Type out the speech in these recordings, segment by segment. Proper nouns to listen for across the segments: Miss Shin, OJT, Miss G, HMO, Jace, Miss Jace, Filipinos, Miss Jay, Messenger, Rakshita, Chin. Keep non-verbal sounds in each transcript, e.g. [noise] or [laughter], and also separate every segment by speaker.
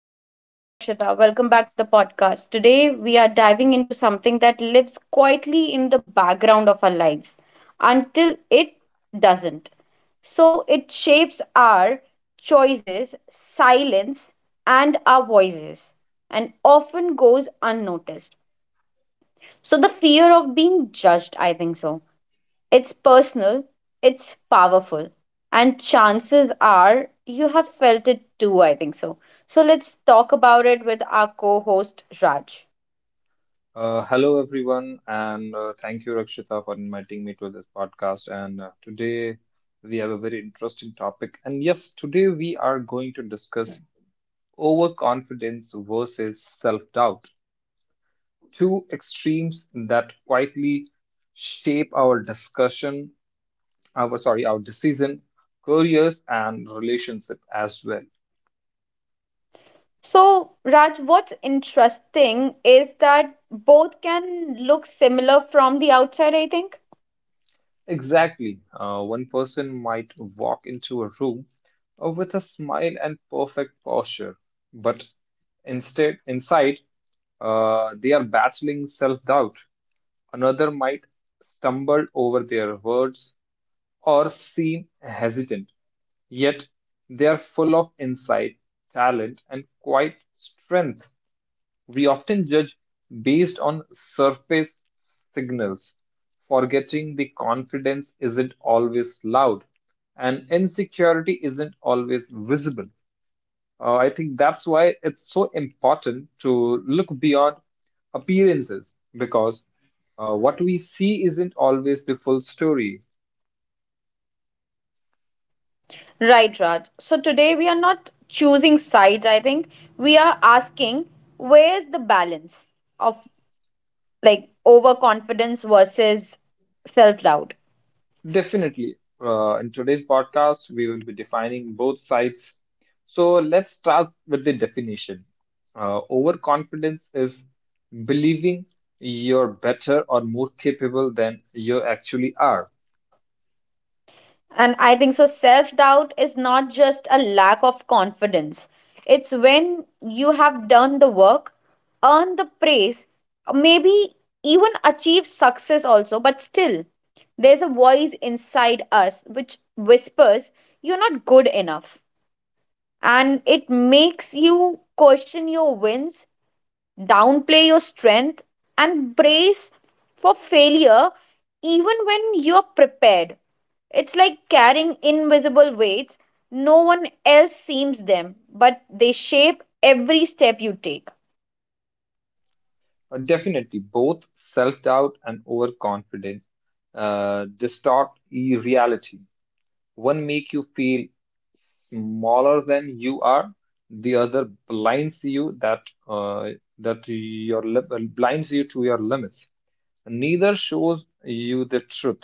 Speaker 1: everyone, I'm Rakshita. Welcome back to the podcast. Today we are diving into something that lives quietly in the background of our lives until it doesn't. So it shapes our choices, silence, and our voices, and often goes unnoticed. So the fear of being judged, I think so. It's personal, it's powerful, and chances are you have felt it too, I think so. So let's talk about it with our co host, Raj.
Speaker 2: Hello, everyone, and thank you, Rakshita, for inviting me to this podcast. And today we have a very interesting topic. And yes, today we are going to discuss overconfidence versus self-doubt, two extremes that quietly shape our discussion, our sorry, our decision, careers, and relationship as well.
Speaker 1: So, Raj, what's interesting is that both can look similar from the outside, I think.
Speaker 2: Exactly. One person might walk into a room with a smile and perfect posture. But instead, inside, they are battling self doubt. Another might stumble over their words or seem hesitant, yet they are full of insight, talent, and quiet strength. We often judge based on surface signals, forgetting the confidence isn't always loud and insecurity isn't always visible. I think that's why it's so important to look beyond appearances, because what we see isn't always the full story.
Speaker 1: Right, Raj. So, today we are not choosing sides, I think. We are asking, where's the balance of like overconfidence versus self doubt?
Speaker 2: Definitely. In today's podcast, we will be defining both sides. So let's start with the definition. Overconfidence is believing you're better or more capable than you actually are.
Speaker 1: And I think so, self doubt is not just a lack of confidence. It's when you have done the work, earned the praise, maybe even achieved success also, but still, there's a voice inside us which whispers, you're not good enough. And it makes you question your wins, downplay your strength, and brace for failure even when you're prepared. It's like carrying invisible weights. No one else seems them, but they shape every step you take.
Speaker 2: Definitely, both self doubt and overconfidence distort reality. One make you feel smaller than you are. The other uh, blinds you to your limits. Neither shows you the truth.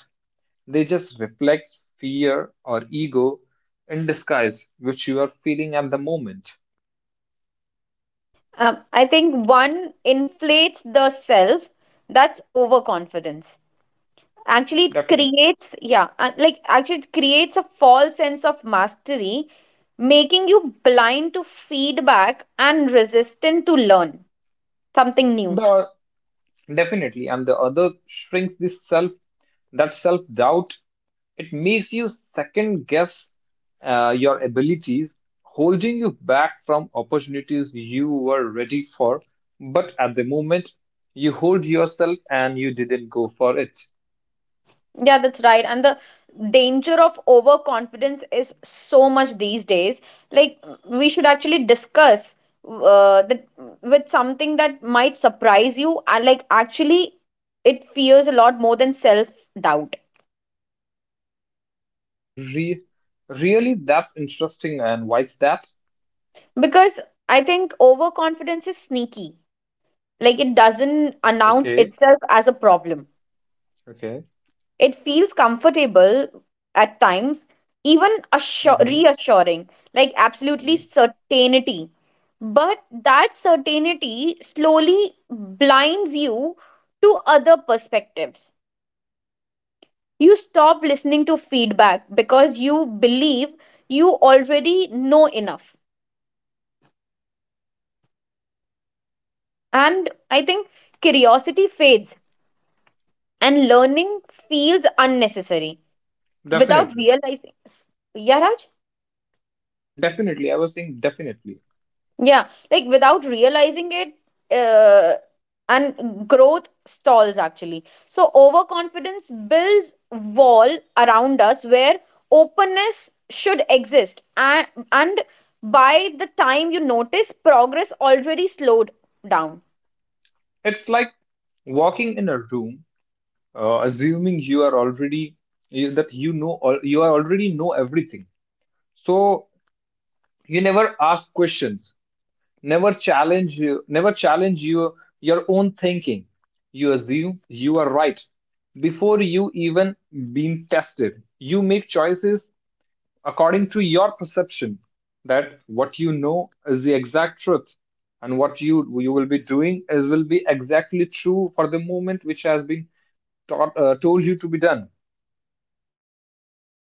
Speaker 2: They just reflect fear or ego in disguise, which you are feeling at the moment.
Speaker 1: I think one inflates the self. That's overconfidence. Actually, it
Speaker 2: Definitely.
Speaker 1: creates, yeah, like actually, it creates a false sense of mastery, making you blind to feedback and resistant to learn something new.
Speaker 2: The Definitely. And the other shrinks this self, that self-doubt. It makes you second guess your abilities, holding you back from opportunities you were ready for. But at the moment, you hold yourself and you didn't go for it.
Speaker 1: Yeah, that's right. And the danger of overconfidence is so much these days. Like, we should actually discuss that with something that might surprise you. And, like, actually, it fears a lot more than self doubt.
Speaker 2: Re Really, that's interesting. And why is that?
Speaker 1: Because I think overconfidence is sneaky, like, it doesn't announce
Speaker 2: Okay.
Speaker 1: itself as a problem.
Speaker 2: Okay.
Speaker 1: It feels comfortable at times, even
Speaker 2: Hmm.
Speaker 1: reassuring, like absolutely certainty. But that certainty slowly blinds you to other perspectives. You stop listening to feedback because you believe you already know enough. And I think curiosity fades and learning feels unnecessary without
Speaker 2: Definitely.
Speaker 1: realizing. Yeah, Raj?
Speaker 2: Definitely. I was saying definitely.
Speaker 1: Yeah, like without realizing it, uh, and growth stalls actually. So overconfidence builds wall around us where openness should exist, and by the time you notice, progress already slowed down.
Speaker 2: It's like walking in a room, assuming you are already you, that you know all you are already know everything. So you never ask questions, never challenge your own thinking. You assume you are right before you even been tested. You make choices according to your perception, that what you know is the exact truth, and what you will be doing is will be exactly true for the moment, which has been told you to be done.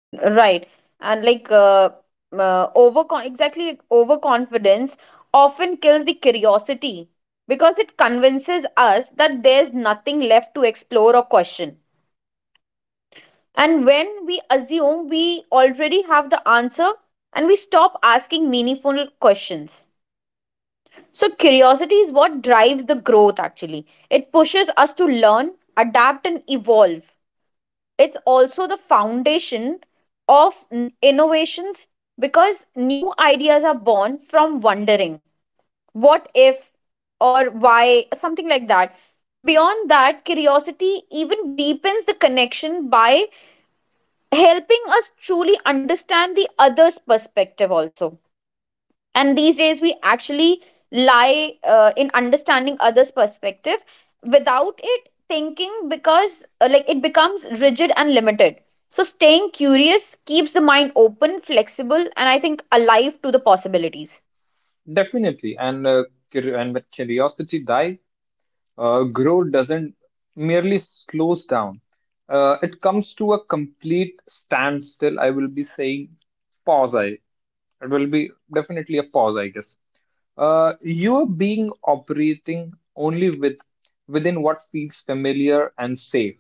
Speaker 1: Right, and like overcon exactly like overconfidence often kills the curiosity because it convinces us that there's nothing left to explore or question. And when we assume we already have the answer and we stop asking meaningful questions. So, curiosity is what drives the growth actually. It pushes us to learn, adapt, and evolve. It's also the foundation of innovations because new ideas are born from wondering what if or why, something like that. Beyond that, curiosity even deepens the connection by helping us truly understand the other's perspective also, and these days we actually lie in understanding others perspective without it thinking because like it becomes rigid and limited. So staying curious keeps the mind open, flexible, and I think alive to the possibilities.
Speaker 2: Definitely. And with curiosity dive, growth doesn't merely slows down. It comes to a complete standstill. I will be saying pause. I It will be definitely a pause, I guess. You are being operating only within what feels familiar and safe,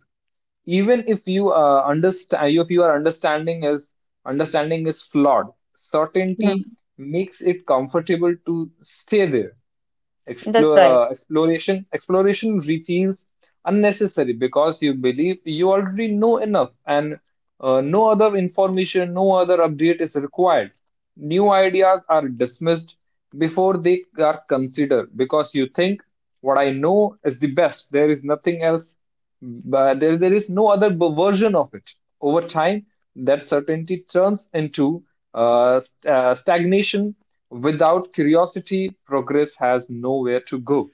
Speaker 2: even if you understand, if your understanding is flawed. Certainty
Speaker 1: Yeah,
Speaker 2: makes it comfortable to stay there.
Speaker 1: that's right.
Speaker 2: Explore, exploration exploration feels unnecessary, because you believe you already know enough, and no other information, no other update is required. New ideas are dismissed before they are considered, because you think what I know is the best, there is nothing else, but there is no other version of it. Over time, that certainty turns into stagnation. Without curiosity, progress has nowhere to go.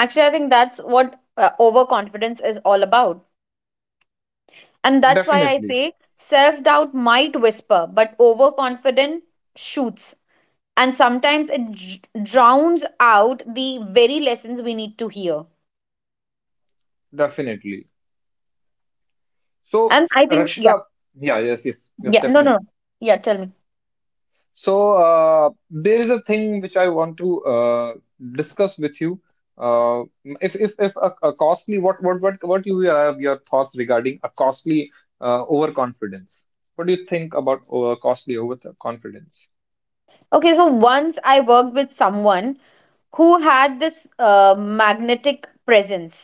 Speaker 1: Actually, I think that's what overconfidence is all about, and that's why I
Speaker 2: Definitely,
Speaker 1: say self doubt might whisper but overconfident shoots, and sometimes it drowns out the very lessons we need to hear.
Speaker 2: definitely. So,
Speaker 1: And I think, yeah.
Speaker 2: Rakshita, yeah, yes, yes, yes,
Speaker 1: Yeah, no no no.
Speaker 2: definitely.
Speaker 1: yeah, tell me.
Speaker 2: So, there is a thing which I want to discuss with you. Uh, if a, a costly, what you have your thoughts regarding a costly overconfidence? What do you think about costly overconfidence?
Speaker 1: Okay, so once I worked with someone who had this magnetic presence,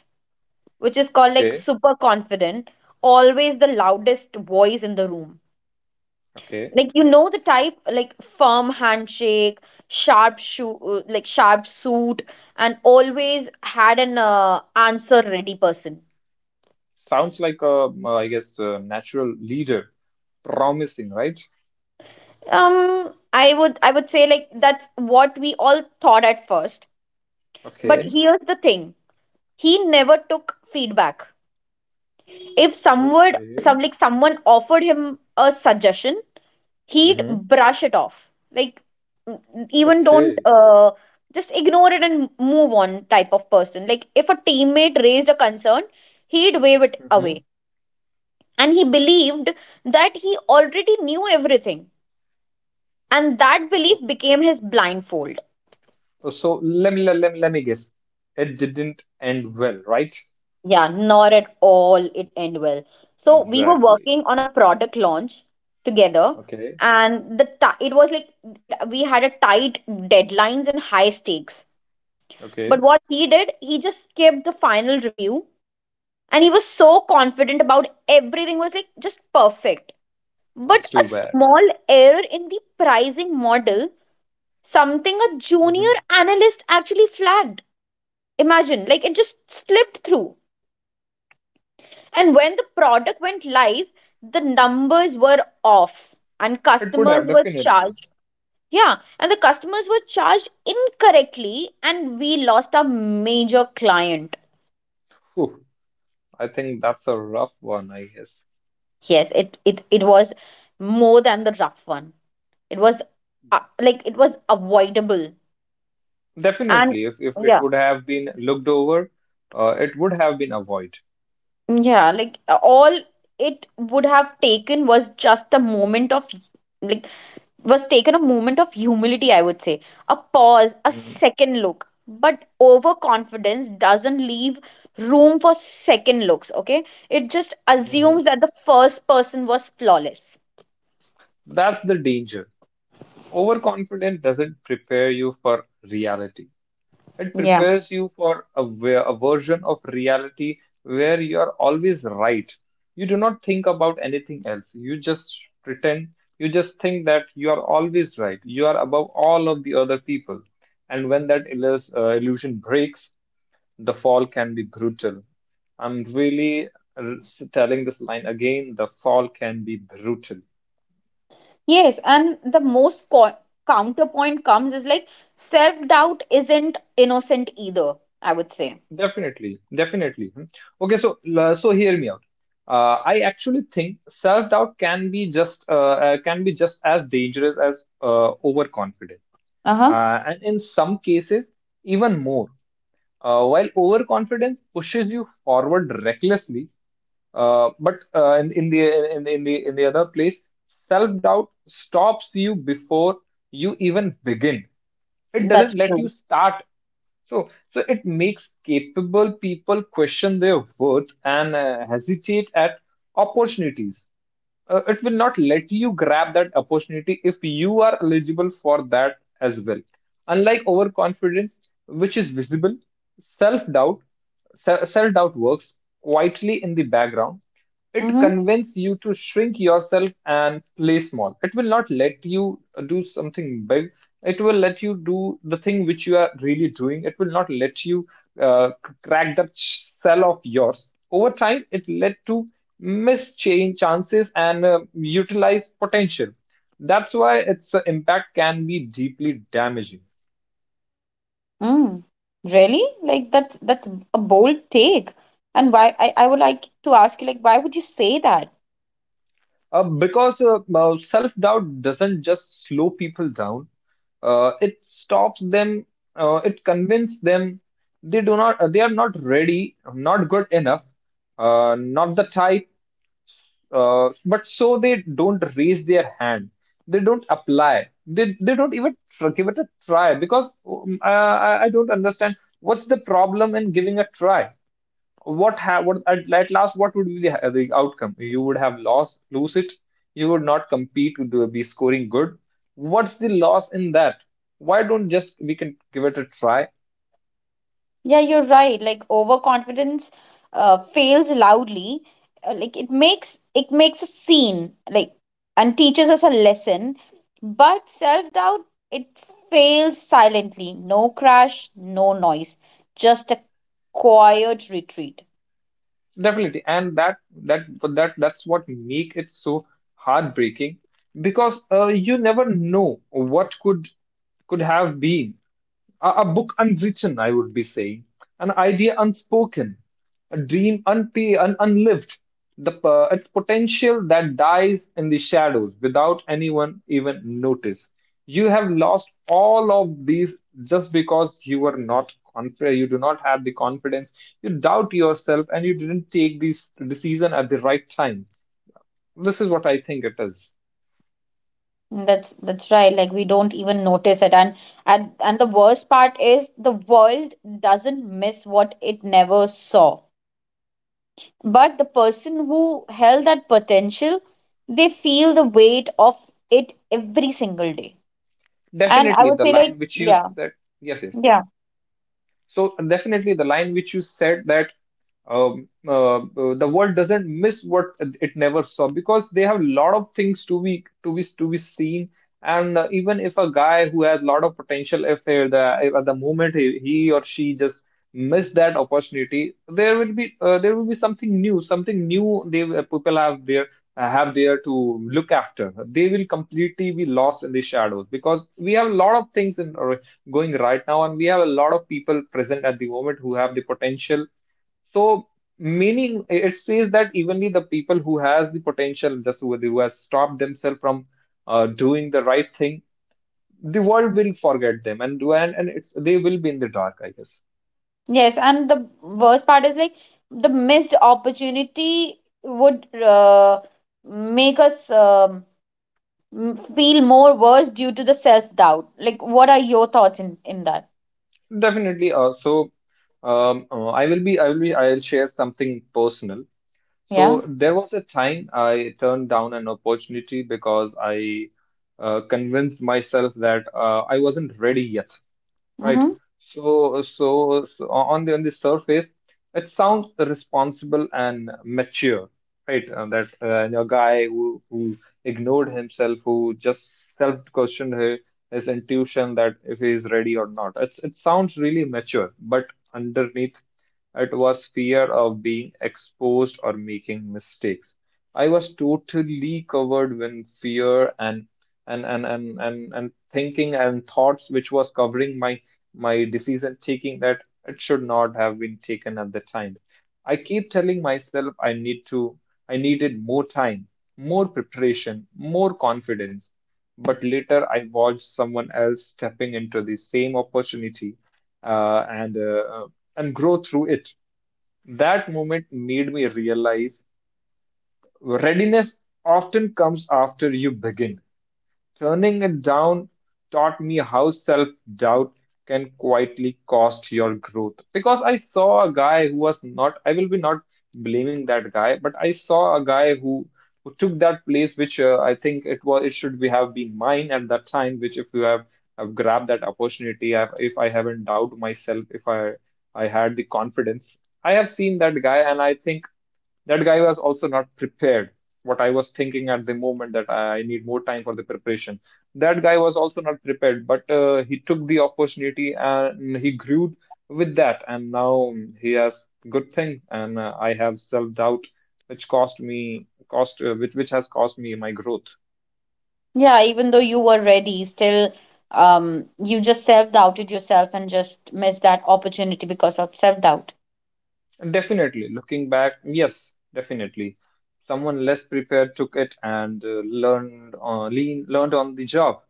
Speaker 1: which is called like
Speaker 2: Okay,
Speaker 1: super confident, always the loudest voice in the room,
Speaker 2: okay.
Speaker 1: like you know the type, like firm handshake, sharp shoe like sharp suit, and always had an answer ready person.
Speaker 2: Sounds like a, I guess, a natural leader. Promising, right?
Speaker 1: I would, I would say like that's what we all thought at first. But
Speaker 2: Okay.
Speaker 1: here's the thing, he never took feedback. If someone,
Speaker 2: Okay.
Speaker 1: someone offered him a suggestion, he'd
Speaker 2: Mm-hmm.
Speaker 1: brush it off, like even don't
Speaker 2: Okay.
Speaker 1: just ignore it and move on type of person. Like if a teammate raised a concern, he'd wave it
Speaker 2: Mm-hmm.
Speaker 1: away, and he believed that he already knew everything, and that belief
Speaker 2: Okay.
Speaker 1: became his blindfold.
Speaker 2: So let me guess. It didn't end well, right?
Speaker 1: Yeah, not at all. It end well. So we were
Speaker 2: Exactly.
Speaker 1: working on a product launch together,
Speaker 2: Okay.
Speaker 1: and the ti it was like it. We had a tight deadlines and high stakes. But
Speaker 2: Okay.
Speaker 1: what he did, he just skipped the final review, and he was so confident about everything was like just perfect. But
Speaker 2: It's
Speaker 1: a
Speaker 2: too bad.
Speaker 1: small error in the pricing model, something a
Speaker 2: Mm-hmm.
Speaker 1: junior analyst actually flagged. Imagine, like it just slipped through. And when the product went live, the numbers were off and
Speaker 2: It would have
Speaker 1: customers were
Speaker 2: definitely.
Speaker 1: charged. Yeah, and the customers were charged incorrectly and we lost a major client.
Speaker 2: Whew. I think that's a rough one, I guess.
Speaker 1: Yes, it was more than the rough one. It was like it was avoidable. And
Speaker 2: Definitely, if it
Speaker 1: yeah.
Speaker 2: would have been looked over, it would have been avoid.
Speaker 1: Yeah, like all it would have taken was just a moment of like was taken a moment of humility, I would say. A pause, a second look. But overconfidence doesn't leave room for second looks, okay? It just
Speaker 2: Mm-hmm.
Speaker 1: assumes that the first person was flawless.
Speaker 2: That's the danger. Overconfidence doesn't prepare you for reality. It
Speaker 1: Yeah.
Speaker 2: prepares you for a, ver- a version of reality where you are always right. You do not think about anything else. You just pretend, you just think that you are always right. You are above all of the other people. And when that illus- illusion breaks, the fall can be brutal. I'm really uh, telling this line again the fall can be brutal.
Speaker 1: Yes, and the most counterpoint comes is like self doubt isn't innocent either, I would say.
Speaker 2: Definitely, definitely. Hmm. Okay, so hear me out. I actually think self-doubt can be just as dangerous as overconfidence,
Speaker 1: Uh huh.
Speaker 2: and in some cases even more. While overconfidence pushes you forward recklessly, but in the in, the- in the in the other place, self-doubt stops you before you even begin. It
Speaker 1: That's
Speaker 2: doesn't let you
Speaker 1: true.
Speaker 2: start. So it makes capable people question their worth and hesitate at opportunities. It will not let you grab that opportunity if you are eligible for that as well. Unlike overconfidence, which is visible, self doubt, self doubt works quietly in the background. It
Speaker 1: Mm-hmm.
Speaker 2: convinces you to shrink yourself and play small. It will not let you do something big. It will let you do the thing which you are really doing. It will not let you uh, crack that shell of yours. Over time, it led to miss change chances and utilize potential. That's why its impact can be deeply damaging.
Speaker 1: Mm. Really? Like that's a bold take. And why I would like to ask you, like why would you say that?
Speaker 2: Because self-doubt doesn't just slow people down, it stops them, it convinces them they are not ready, not good enough, not the type, but so they don't raise their hand, they don't apply, they don't even give it a try. Because I don't understand what's the problem in giving a try. What at last, what would be the outcome? You would have lost lose it. You would not compete. You would be scoring good. What's the loss in that? Why don't just we can give it a try?
Speaker 1: Yeah, you're right. Like overconfidence fails loudly. Like it makes a scene, like, and teaches us a lesson. But self doubt, it fails silently. No crash, no noise. Just a quiet retreat.
Speaker 2: Definitely, and that that but that that's what make it so heartbreaking, because you never know what could have been. A a book unwritten, I would be saying, an idea unspoken, a dream unlived, its potential that dies in the shadows without anyone even notice. You have lost all of these just because you were not confident, you do not have the confidence, you doubt yourself, and you didn't take this decision at the right time. This is what I think it is.
Speaker 1: That's right. Like we don't even notice it. And the worst part is the world doesn't miss what it never saw. But the person who held that potential, they feel the weight of it every single day. And I
Speaker 2: Definitely,
Speaker 1: would
Speaker 2: the
Speaker 1: say like,
Speaker 2: line which you
Speaker 1: yeah.
Speaker 2: said. Yes, yes.
Speaker 1: Yeah.
Speaker 2: So definitely, the line which you said, that the world doesn't miss what it never saw, because they have a lot of things to be seen. And even if a guy who has a lot of potential, if they- the if at the moment he or she just missed that opportunity, there will be something new, they people have there, have there to look after. They will completely be lost in the shadows, because we have a lot of things going right now, and we have a lot of people present at the moment who have the potential. So meaning it says that evenly the people who has the potential, just who has stopped themselves from doing the right thing, the world will forget them, and when and it's they will be in the dark, I guess.
Speaker 1: Yes, and the worst part is like the missed opportunity would make us feel more worse due to the self doubt. Like what are your thoughts in that?
Speaker 2: Definitely. I'll share something personal.
Speaker 1: Yeah.
Speaker 2: So there was a time I turned down an opportunity because I convinced myself that I wasn't ready yet. Right.
Speaker 1: Mm-hmm.
Speaker 2: So on the surface, it sounds responsible and mature, right? That your guy who ignored himself, who just self-questioned his intuition that if he is ready or not. It sounds really mature, but underneath it was fear of being exposed or making mistakes. I was totally covered with fear, and thinking and thoughts which was covering my decision taking, that it should not have been taken at the time. I keep telling myself I needed more time, more preparation, more confidence. But later I watched someone else stepping into the same opportunity, uh, and uh, uh, and grow through it. That moment made me realize readiness often comes after you begin. Turning it down taught me how self doubt can quietly cost your growth. Because I saw a guy who was not, I will be not blaming that guy, but I saw a guy who took that place, which I think it should be have been mine at that time, which if have grabbed that opportunity. If I haven't doubted myself, if I, I had the confidence, I have seen that guy and I think that guy was also not prepared. What I was thinking at the moment that I need more time for the preparation. That guy was also not prepared, but he took the opportunity and he grew with that. And now he has good thing. And I have self doubt, which cost me cost which has cost me my growth.
Speaker 1: Yeah, even though you were ready, still you just self-doubted yourself and just missed that opportunity because of self-doubt.
Speaker 2: Definitely. Looking back, yes, definitely. Someone less prepared took it and learned on the job.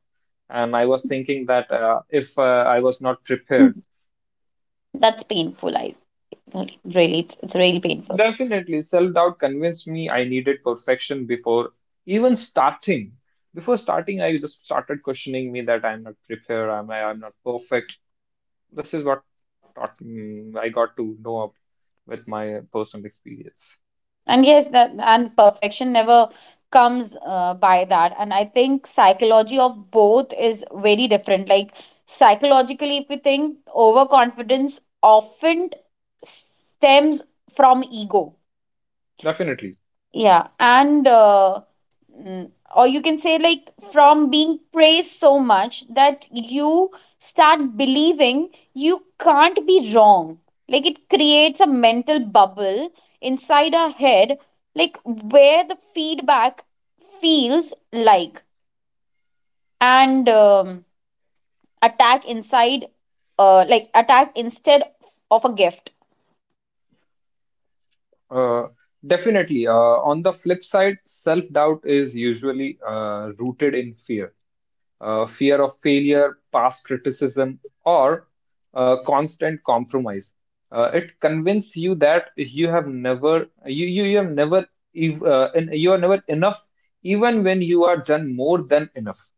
Speaker 2: And I was thinking that if I was not
Speaker 1: Mm.
Speaker 2: prepared,
Speaker 1: That's painful, I really really, it's really painful.
Speaker 2: definitely self-doubt convinced me I needed perfection before even starting. Before starting, I just started questioning me that I'm not prepared, I'm not perfect. This is what taught, I got to know of with my personal experience.
Speaker 1: And yes, that, and perfection never comes by that. And I think psychology of both is very different. Like psychologically if you think overconfidence often stems from ego.
Speaker 2: Definitely.
Speaker 1: Yeah, and or you can say like from being praised so much that you start believing you can't be wrong. Like it creates a mental bubble inside our head, like where the feedback feels like, and attack inside, like attack instead of a gift.
Speaker 2: Uh, definitely. Uh, on the flip side, self-doubt is usually rooted in fear, fear of failure, past criticism, or constant compromise. It convinces you that you have never, and you are never enough, even when you are done more than enough.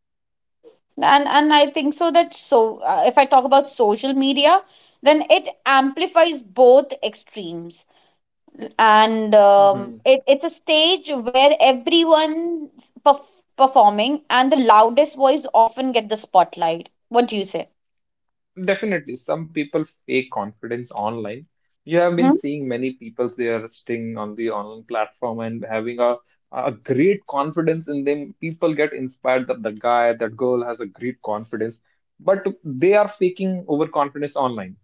Speaker 1: And I think so that so if I talk about social media, then it amplifies both extremes. And it's a stage where everyone's performing and the loudest voice often get the spotlight. What do you say?
Speaker 2: Definitely, some people fake confidence online. You have been
Speaker 1: Mm-hmm.
Speaker 2: seeing many people they are sting on the online platform and having a great confidence in them. People get inspired that the guy, that girl has a great confidence, but they are faking overconfidence online.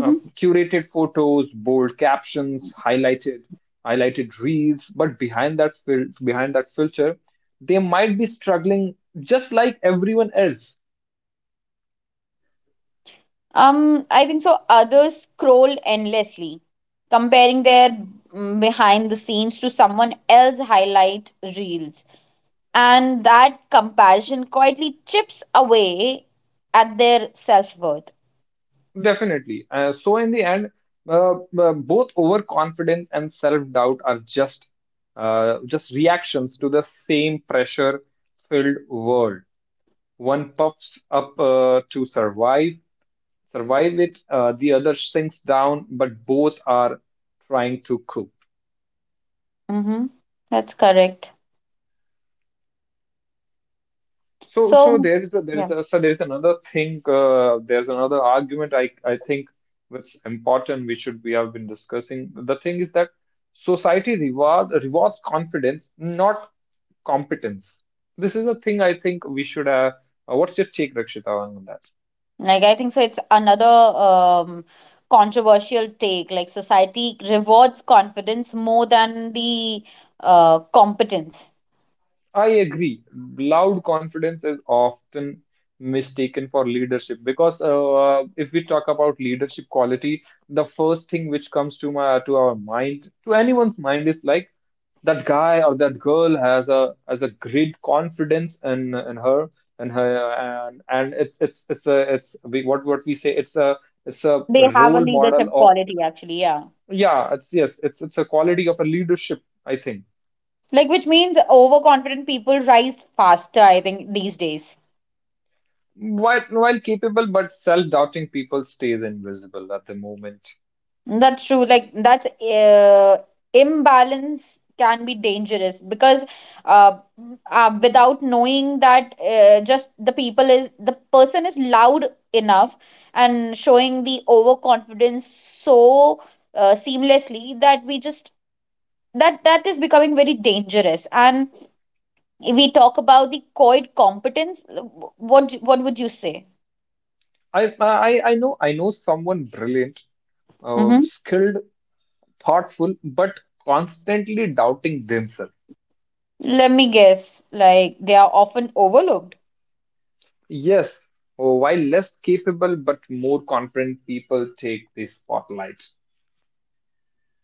Speaker 2: Curated photos, bold captions, highlighted reels, but behind that filter, they might be struggling just like everyone else.
Speaker 1: I think so others scroll endlessly comparing their behind the scenes to someone else highlight reels. And that comparison quietly chips away at their self worth.
Speaker 2: Definitely. So, in the end, both overconfidence and self-doubt are just just reactions to the same pressure-filled world. One puffs up to survive it. The other sinks down, but both are trying to cope.
Speaker 1: Mm-hmm. That's correct.
Speaker 2: So, so
Speaker 1: So,
Speaker 2: there is
Speaker 1: yeah,
Speaker 2: a, so there is another thing. There's another argument I think that's important. We have been discussing. The thing is that society rewards confidence, not competence. This is a thing I think we should. Have. What's your take, Rakshita, on that?
Speaker 1: like I think so. It's another controversial take. Like society rewards confidence more than the competence.
Speaker 2: I agree. Loud confidence is often mistaken for leadership because if we talk about leadership quality, the first thing which comes to our mind, to anyone's mind, is like that guy or that girl has a great confidence in her and it's a it's we, what we say it's a
Speaker 1: They have a
Speaker 2: role model
Speaker 1: leadership
Speaker 2: of
Speaker 1: quality, actually. Yeah,
Speaker 2: yeah it's yes it's a quality of a leadership I think.
Speaker 1: like which means overconfident people rise faster. I think these days.
Speaker 2: While capable but self-doubting people stays invisible at the moment.
Speaker 1: That's true. Like that's imbalance can be dangerous because uh, without knowing that, just the person is loud enough and showing the overconfidence so seamlessly that we just that is becoming very dangerous. And if we talk about the coed competence, what would you say?
Speaker 2: I know someone brilliant,
Speaker 1: Mm-hmm.
Speaker 2: skilled, thoughtful, but constantly doubting themselves.
Speaker 1: Let me guess, like they are often overlooked.
Speaker 2: Yes, while less capable but more confident people take the spotlight.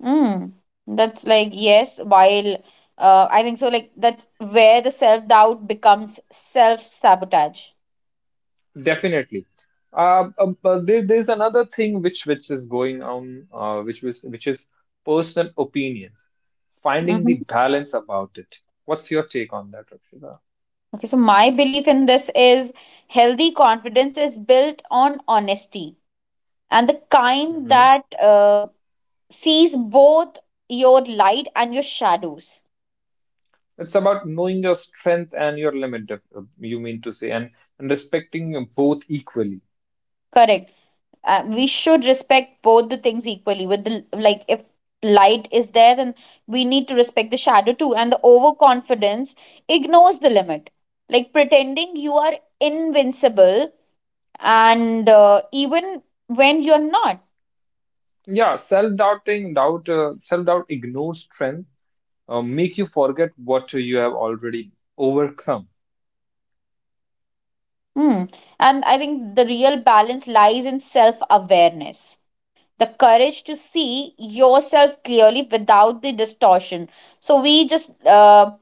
Speaker 1: Mm, that's like, yes, while I think so, like, that's where the self doubt becomes self sabotage.
Speaker 2: Definitely. There's another thing which is going on, which is personal opinions. Finding the
Speaker 1: Mm-hmm.
Speaker 2: balance about it. What's your take on that, Rakshita?
Speaker 1: Okay, so my belief in this is healthy confidence is built on honesty, and the kind
Speaker 2: Mhm.
Speaker 1: that sees both your light and your shadows.
Speaker 2: It's about knowing your strength and your limit, you mean to say, and respecting both equally.
Speaker 1: Correct. We should respect both the things equally. With the like if light is there, then we need to respect the shadow too. And the overconfidence ignores the limit, like pretending you are invincible, and even when you're not.
Speaker 2: Yeah, self-doubt ignores strength, make you forget what you have already overcome.
Speaker 1: Hmm. And I think the real balance lies in self awareness, the courage to see yourself clearly without the distortion. So we just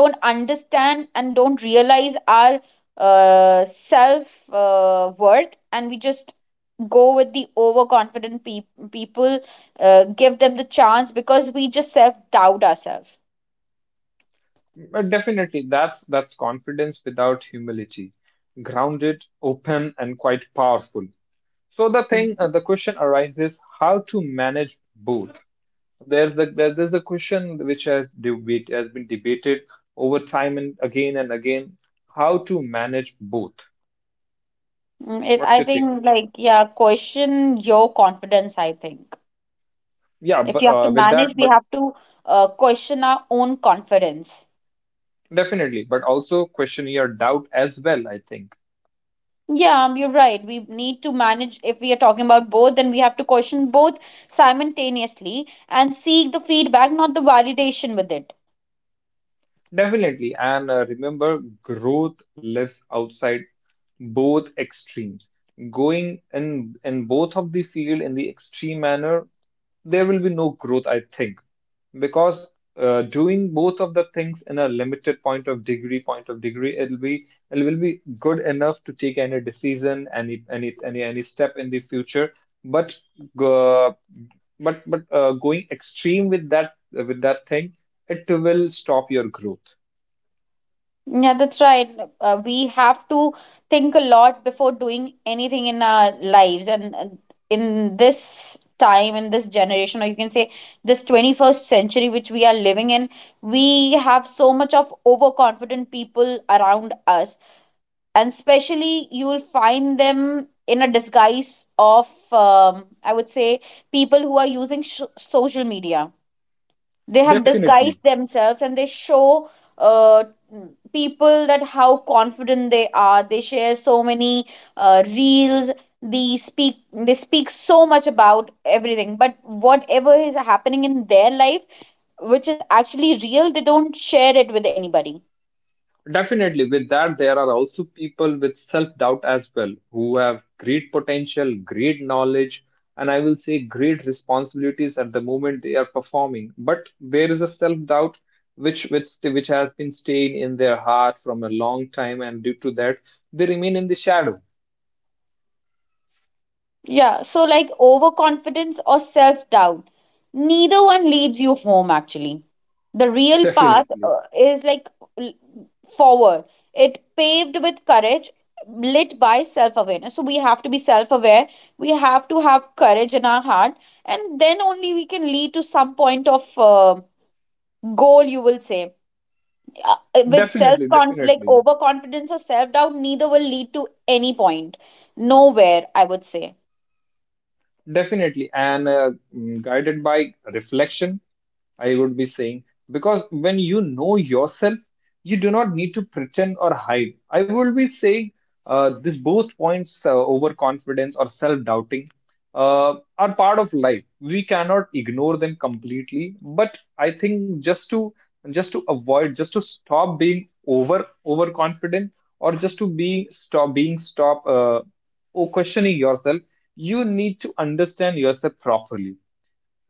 Speaker 1: don't understand and don't realize our self worth, and we just go with the overconfident people, give them the chance because we just self doubt ourselves.
Speaker 2: Definitely, that's confidence without humility, grounded, open, and quite powerful. So the thing, the question arises: how to manage both? There's a question which has been debated over time and again, how to manage both.
Speaker 1: Mm,
Speaker 2: What's
Speaker 1: I
Speaker 2: your take on
Speaker 1: think
Speaker 2: it?
Speaker 1: like, yeah, question your confidence, I think.
Speaker 2: Yeah,
Speaker 1: If
Speaker 2: but
Speaker 1: you have to
Speaker 2: with
Speaker 1: manage,
Speaker 2: that,
Speaker 1: we
Speaker 2: but
Speaker 1: have to question our own confidence.
Speaker 2: definitely, but also question your doubt as well, I think.
Speaker 1: Yeah, you're right. We need to manage, if we are talking about both, then we have to question both simultaneously and seek the feedback, not the validation with it.
Speaker 2: Definitely, and remember, growth lives outside both extremes. Going in both of the field in the extreme manner there will be no growth, I think, because doing both of the things in a limited point of degree, it will be good enough to take any decision, any step in the future. But uh, going extreme with that thing, it will stop your growth.
Speaker 1: Yeah, that's right. We have to think a lot before doing anything in our lives. And in this time, in this generation, or you can say this 21st century which we are living in, we have so much of overconfident people around us, and especially you will find them in a disguise of I would say people who are using social media. They have
Speaker 2: Definitely.
Speaker 1: disguised themselves and they show uh, people that how confident they are. They share so many reels, they speak so much about everything, but whatever is happening in their life, which is actually real, they don't share it with anybody.
Speaker 2: Definitely, with that, there are also people with self doubt as well who have great potential, great knowledge, and I will say great responsibilities at the moment they are performing. But there is a self doubt which has been staying in their heart from a long time, and due to that, they remain in the shadow.
Speaker 1: Yeah, so like overconfidence or self doubt, neither one leads you home actually. The
Speaker 2: [laughs]
Speaker 1: real path
Speaker 2: Definitely,
Speaker 1: is like l- forward, it paved with courage, lit by self awareness. So we have to be self aware, we have to have courage in our heart, and then only we can lead to some point of goal, you will say. Uh, with self
Speaker 2: definitely,
Speaker 1: conf like
Speaker 2: definitely,
Speaker 1: overconfidence or self doubt, neither will lead to any point, nowhere, I would say.
Speaker 2: definitely. And guided by reflection, I would be saying because when you know yourself, you do not need to pretend or hide. I would be saying this both points, overconfidence or self-doubting, are part of life. We cannot ignore them completely, but I think just to avoid, just to stop being over overconfident or just to be stop being stop or questioning yourself, you need to understand yourself properly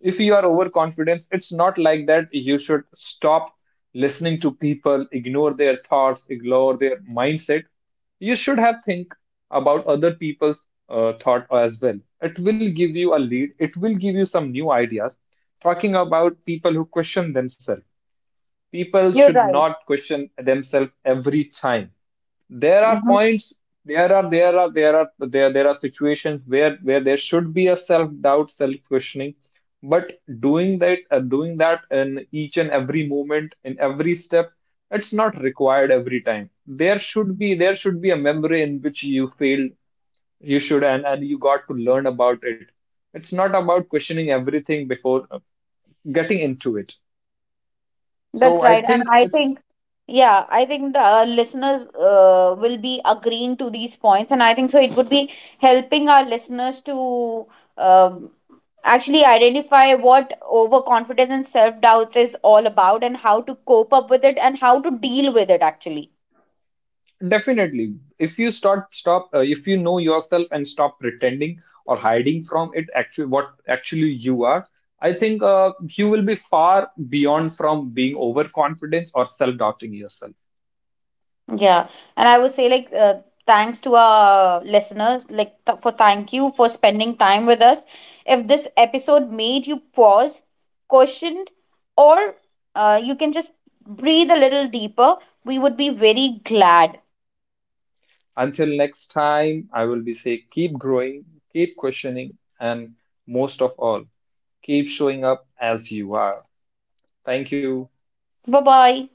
Speaker 2: if you are overconfident, it's not like that. You should stop listening to people, ignore their thoughts, ignore their mindset. You should have think about other people's thought as well. It will give you a lead. It will give you some new ideas. Talking about people who question themselves. People
Speaker 1: You're
Speaker 2: should
Speaker 1: right.
Speaker 2: not question themselves every time there are points there are situations where there should be a self doubt self questioning but doing that in each and every moment in every step it's not required every time there should be a memory in which you failed you should and you got to learn about it it's not about questioning everything before getting into it
Speaker 1: That's
Speaker 2: so I
Speaker 1: right. And
Speaker 2: think
Speaker 1: I
Speaker 2: it's.
Speaker 1: think, yeah, I think the listeners will be agreeing to these points. And I think so, it would be helping our listeners to um actually identify what overconfidence and self doubt is all about and how to cope up with it and how to deal with it, actually.
Speaker 2: Definitely. If you know yourself and stop pretending or hiding from it actually what actually you are, I think you will be far beyond from being overconfident or self-doubting yourself.
Speaker 1: Yeah, and I would say like thanks to our listeners, like th- for thank you for spending time with us. If this episode made you pause, questioned, or you can just breathe a little deeper, we would be very glad.
Speaker 2: Until next time, I will be say keep growing, keep questioning, and most of all, keep showing up as you are. Thank you.
Speaker 1: Bye bye.